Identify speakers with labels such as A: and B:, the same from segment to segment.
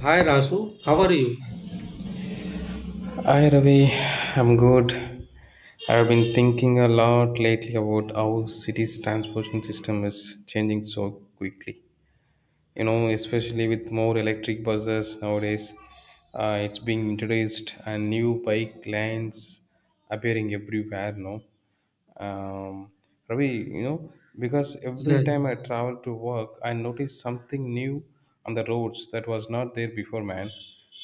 A: Hi Rasu, how are you?
B: Hi Ravi, I'm good. I've been thinking a lot lately about how cities' transportation system is changing so quickly, you know, especially with more electric buses nowadays. It's being introduced, and new bike lanes appearing everywhere, no? um, Ravi, because every
A: Yeah,
B: time I travel to work, I notice something new on the roads that was not there before, man.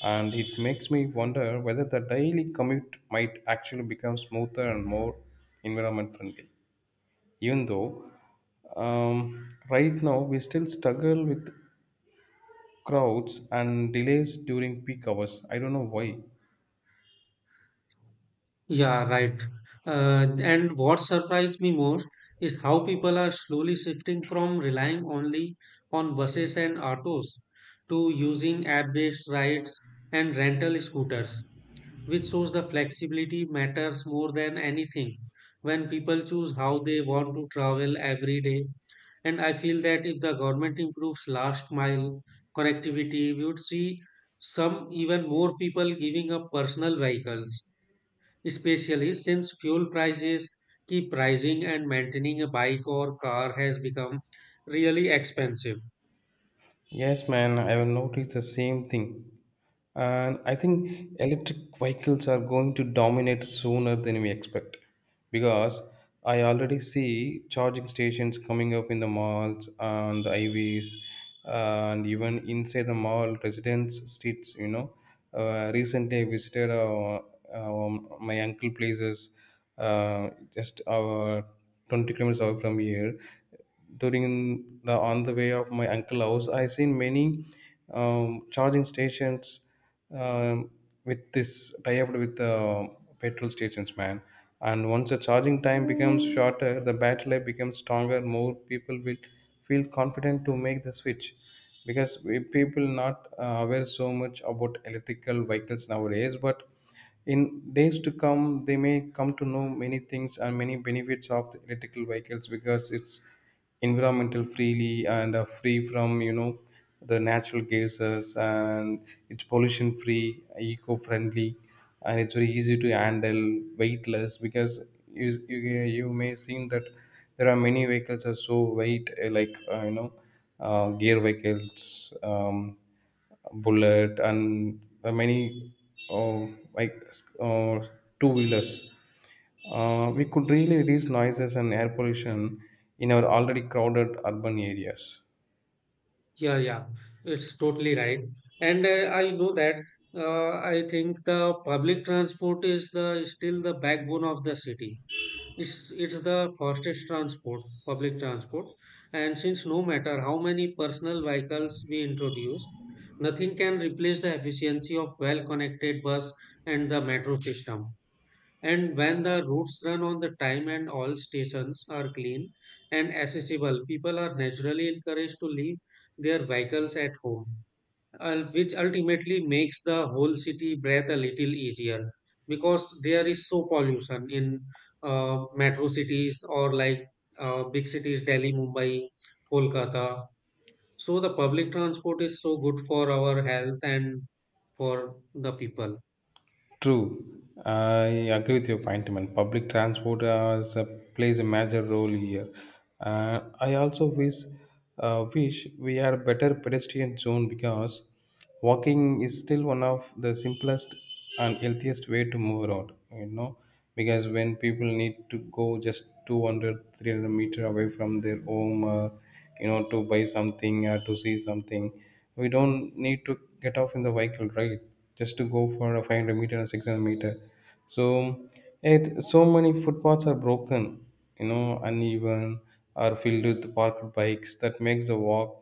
B: And it makes me wonder whether the daily commute might actually become smoother and more environment friendly. Even though right now we still struggle with crowds and delays during peak hours. I don't know why.
A: yeah, Right. Uh, and what surprised me most is how people are slowly shifting from relying only on buses and autos to using app-based rides and rental scooters, which shows the flexibility matters more than anything when people choose how they want to travel every day. And I feel that if the government improves last mile connectivity, we would see some even more people giving up personal vehicles, especially since fuel prices keep rising and maintaining a bike or car has become really expensive.
B: Yes, man, I will notice the same thing. And I think electric vehicles are going to dominate sooner than we expect, because I already see charging stations coming up in the malls and the highways and even inside the mall residence streets. Recently I visited our, my uncle places, just our 20 kilometers away from here. During the on the way of my uncle house, I seen many charging stations, um, with this tie-up with the petrol stations, man. And once the charging time becomes shorter, the battery life becomes stronger, more people will feel confident to make the switch, because we people not aware so much about electrical vehicles nowadays. But in days to come, they may come to know many things and many benefits of the electrical vehicles, because it's environmental freely and free from, the natural gases, and it's pollution free, eco friendly, and it's very easy to handle, weightless. Because you you, you may seen that there are many vehicles are so weight, like, gear vehicles, bullet, and many, uh, like uh, two wheelers. We could really reduce noises and air pollution in our already crowded urban areas.
A: Yeah, yeah, it's totally right. And I know that I think the public transport is the still the backbone of the city. It's the fastest transport, public transport. And since no matter how many personal vehicles we introduce, nothing can replace the efficiency of well-connected bus and the metro system. And when the routes run on the time and all stations are clean and accessible, people are naturally encouraged to leave their vehicles at home, which ultimately makes the whole city breathe a little easier because there is so pollution in metro cities or like big cities, Delhi, Mumbai, Kolkata. So the public transport is so good for our health and for the people.
B: True, I agree with your point, man. Public transport as a, plays a major role here. I also wish we had a better pedestrian zone, because walking is still one of the simplest and healthiest way to move around. You know, because when people need to go just 200, 300 meter away from their home. To buy something or to see something, we don't need to get off in the vehicle, right? Just to go for a 500 meter or 600 meter. So it so many footpaths are broken, you know, uneven, or filled with parked bikes, that makes the walk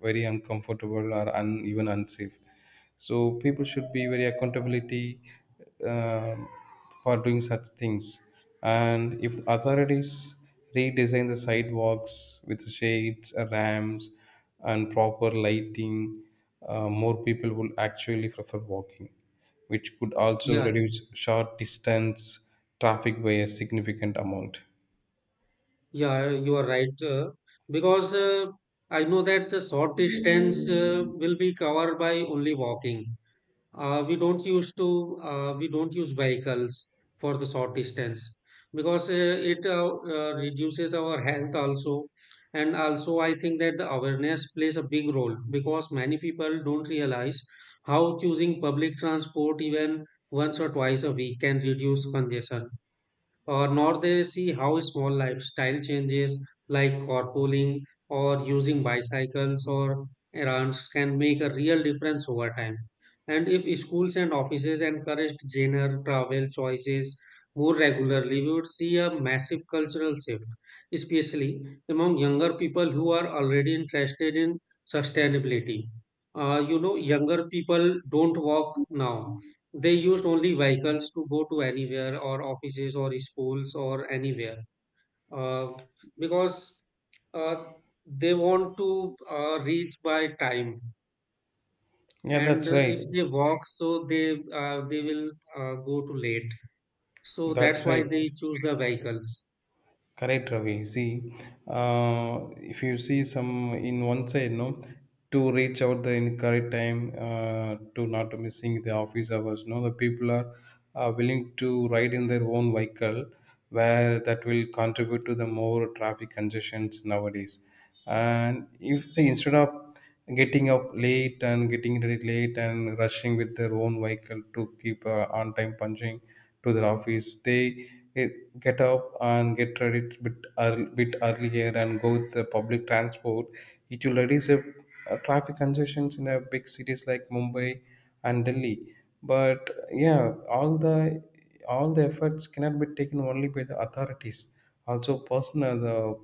B: very uncomfortable or even unsafe. So people should be very accountability um, for doing such things. And if authorities redesign the sidewalks with shades ramps and proper lighting, more people will actually prefer walking, which could also
A: Yeah, yeah.
B: reduce short distance traffic by a significant amount.
A: Yeah, you are right. Because I know that the short distance will be covered by only walking. Uh, we don't use to we don't use vehicles for the short distance because it reduces our health also, and also I think that the awareness plays a big role because many people don't realize how choosing public transport even once or twice a week can reduce congestion, nor they see how small lifestyle changes like carpooling or using bicycles or errands can make a real difference over time. And if schools and offices encouraged greener travel choices more regularly, we would see a massive cultural shift, especially among younger people who are already interested in sustainability. You know, younger people don't walk now, they used only vehicles to go to anywhere or offices or schools or anywhere, uh, because uh, they want to reach by time.
B: Yeah,
A: And
B: that's right.
A: if they walk, so they will go too late. So that's
B: That's
A: why
B: right.
A: they choose the vehicles.
B: Correct, Ravi. See, if you see some in one side, no, to reach out the in correct time, to not missing the office hours. No, the people are willing to ride in their own vehicle, where that will contribute to the more traffic congestions nowadays. And if say, instead of getting up late and getting ready late and rushing with their own vehicle to keep on time punching to their office, they eh, get up and get ready a bit earlier and go with the public transport, it will reduce the traffic congestions in a big cities like mumbai and Delhi. But yeah, all the efforts cannot be taken only by the authorities. Also, personal the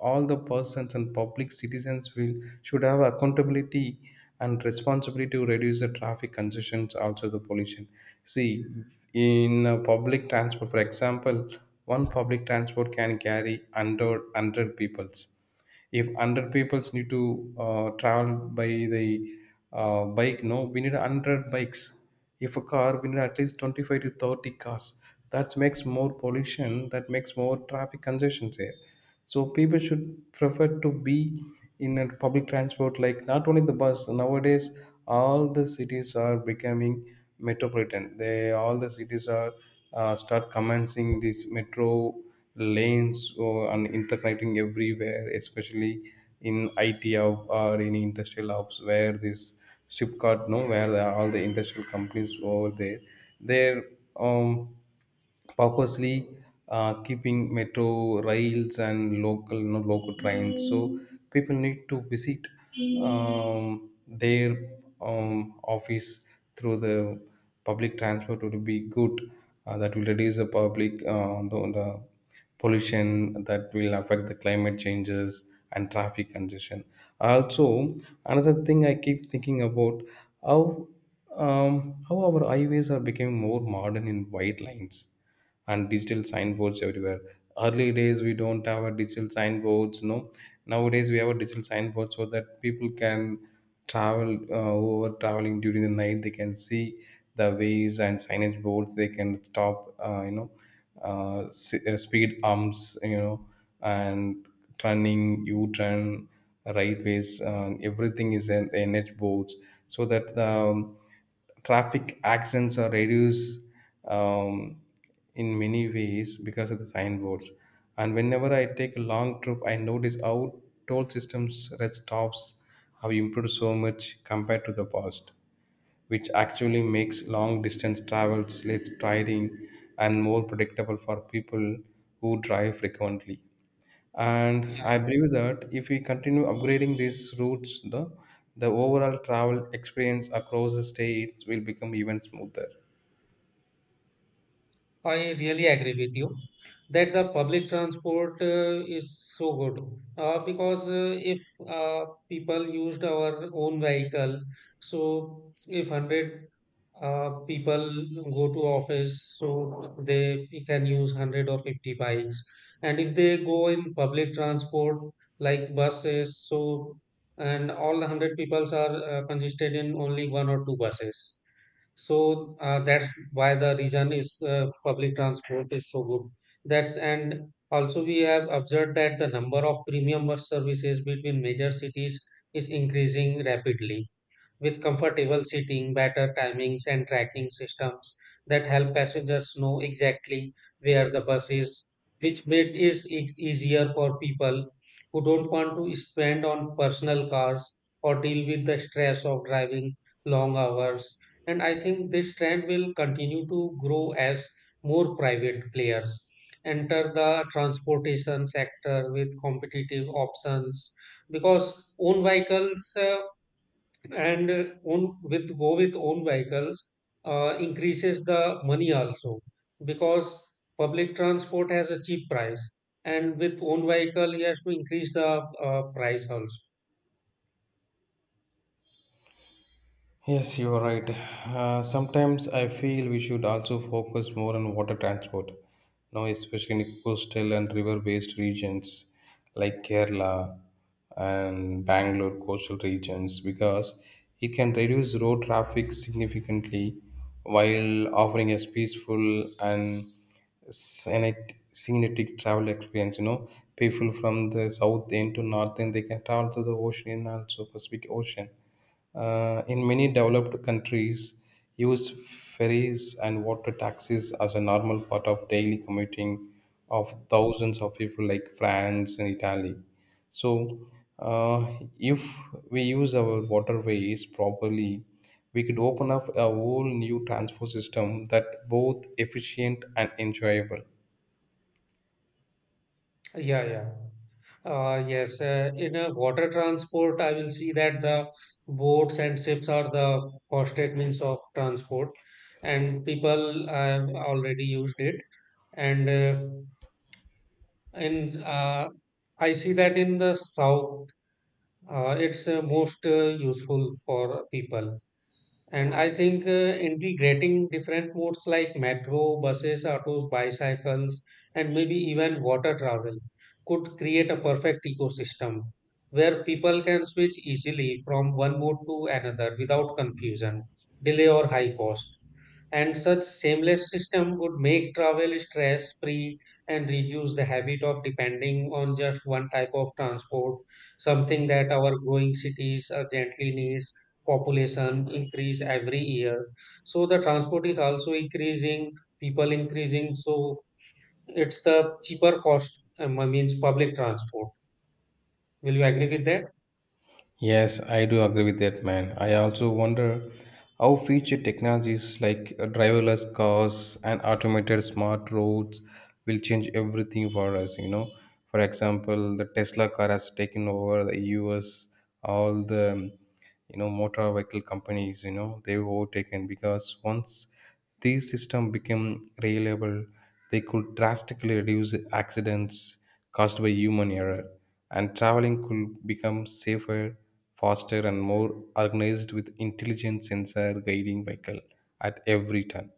B: all the persons and public citizens will should have accountability and responsibility to reduce the traffic congestions, also the pollution. See, in public transport, for example, one public transport can carry under 100 peoples. If 100 peoples need to travel by the bike, no, we need 100 bikes. If a car, we need at least 25 to 30 cars. That makes more pollution, that makes more traffic congestions here. So people should prefer to be in a public transport, like not only the bus. Nowadays, all the cities are becoming metropolitan. They all the cities are start commencing this metro lanes or and interconnecting everywhere, especially in IT hub or in industrial hubs, where this Shipkart, no, where the, all the industrial companies over there, they're um, purposely keeping metro rails and local, no, local trains. So people need to visit their office through the public transport would be good. That will reduce the pollution, that will affect the climate changes and traffic congestion. Also, another thing I keep thinking about, how how our highways are becoming more modern in white lines and digital signboards everywhere. Early days we don't have a digital signboards, no. Nowadays, we have a digital signboard, so that people can travel, who are traveling during the night. They can see the ways and signage boards, they can stop, speed humps, you know, and turning u-turn right ways. Everything is in the nh boards, so that the traffic accidents are reduced um, in many ways because of the signboards. And whenever I take a long trip, I notice how toll systems rest stops have improved so much compared to the past, which actually makes long distance travel less tiring and more predictable for people who drive frequently. And
A: Yeah,
B: I believe that if we continue upgrading these routes, the overall travel experience across the states will become even smoother.
A: I really agree with you that the public transport is so good because if people used our own vehicle, so if 100 people go to office, so they can use 100 or 50 bikes. And if they go in public transport like buses, so and all the 100 peoples are consisted in only one or two buses, so that's why the reason is public transport is so good. That's and also we have observed that the number of premium bus services between major cities is increasing rapidly with comfortable seating, better timings, and tracking systems that help passengers know exactly where the bus is, which made it easier for people who don't want to spend on personal cars or deal with the stress of driving long hours. And I think this trend will continue to grow as more private players enter the transportation sector with competitive options, because own vehicles and own, with go with own vehicles increases the money also, because public transport has a cheap price and with own vehicle he has to increase the price also.
B: Yes, you are right. Sometimes I feel we should also focus more on water transport, now especially in coastal and river-based regions like Kerala and Bangalore coastal regions, because it can reduce road traffic significantly while offering a peaceful and scenic travel experience. You know, people from the south end to north end they can travel to the ocean also Pacific Ocean. In many developed countries, use ferries and water taxis as a normal part of daily commuting of thousands of people, like France and Italy. So, uh, if we use our waterways properly, we could open up a whole new transport system that both efficient and enjoyable.
A: yeah yeah yes, in a water transport, I will see that the boats and ships are the fastest means of transport, and people have already used it. And in I see that in the south it's most useful for people. And I think integrating different modes like metro, buses, autos, bicycles, and maybe even water travel could create a perfect ecosystem where people can switch easily from one mode to another without confusion, delay, or high cost. And such seamless system would make travel stress free and reduce the habit of depending on just one type of transport, something that our growing cities urgently needs. Population increase every year, so the transport is also increasing, people increasing, so it's the cheaper cost, I means public transport. Will you agree with that?
B: Yes, I do agree with that, man. I also wonder how future technologies like driverless cars and automated smart roads will change everything for us, you know. For example, the Tesla car has taken over the US, all the, motor vehicle companies, you know, they've overtaken, because once these systems became reliable, they could drastically reduce accidents caused by human error, and traveling could become safer, faster, and more organized with intelligent sensor guiding vehicle at every turn.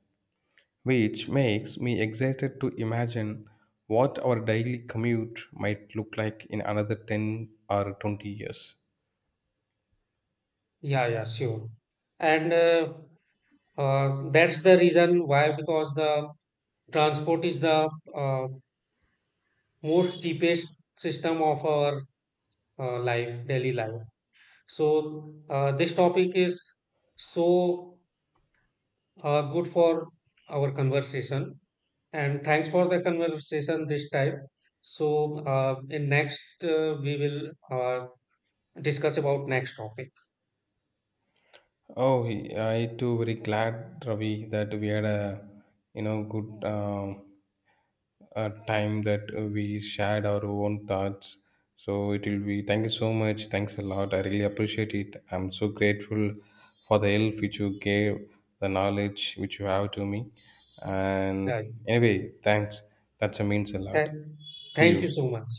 B: Which makes me excited to imagine what our daily commute might look like in another 10 or 20 years.
A: Yeah Sure. And that's the reason why, because the transport is the uh, most cheapest system of our life, daily life. So this topic is so good for our conversation. And thanks for the conversation this time. So, we will discuss about next topic.
B: Oh, I too very glad, Ravi, that we had a you know good. A time that we shared our own thoughts. So it will be, thank you so much. Thanks a lot. I really appreciate it. I'm so grateful for the help which you gave, the knowledge which you have to me. And
A: Right.
B: anyway, thanks. That means a
A: Thank
B: lot. See
A: Thank you
B: you.
A: so much.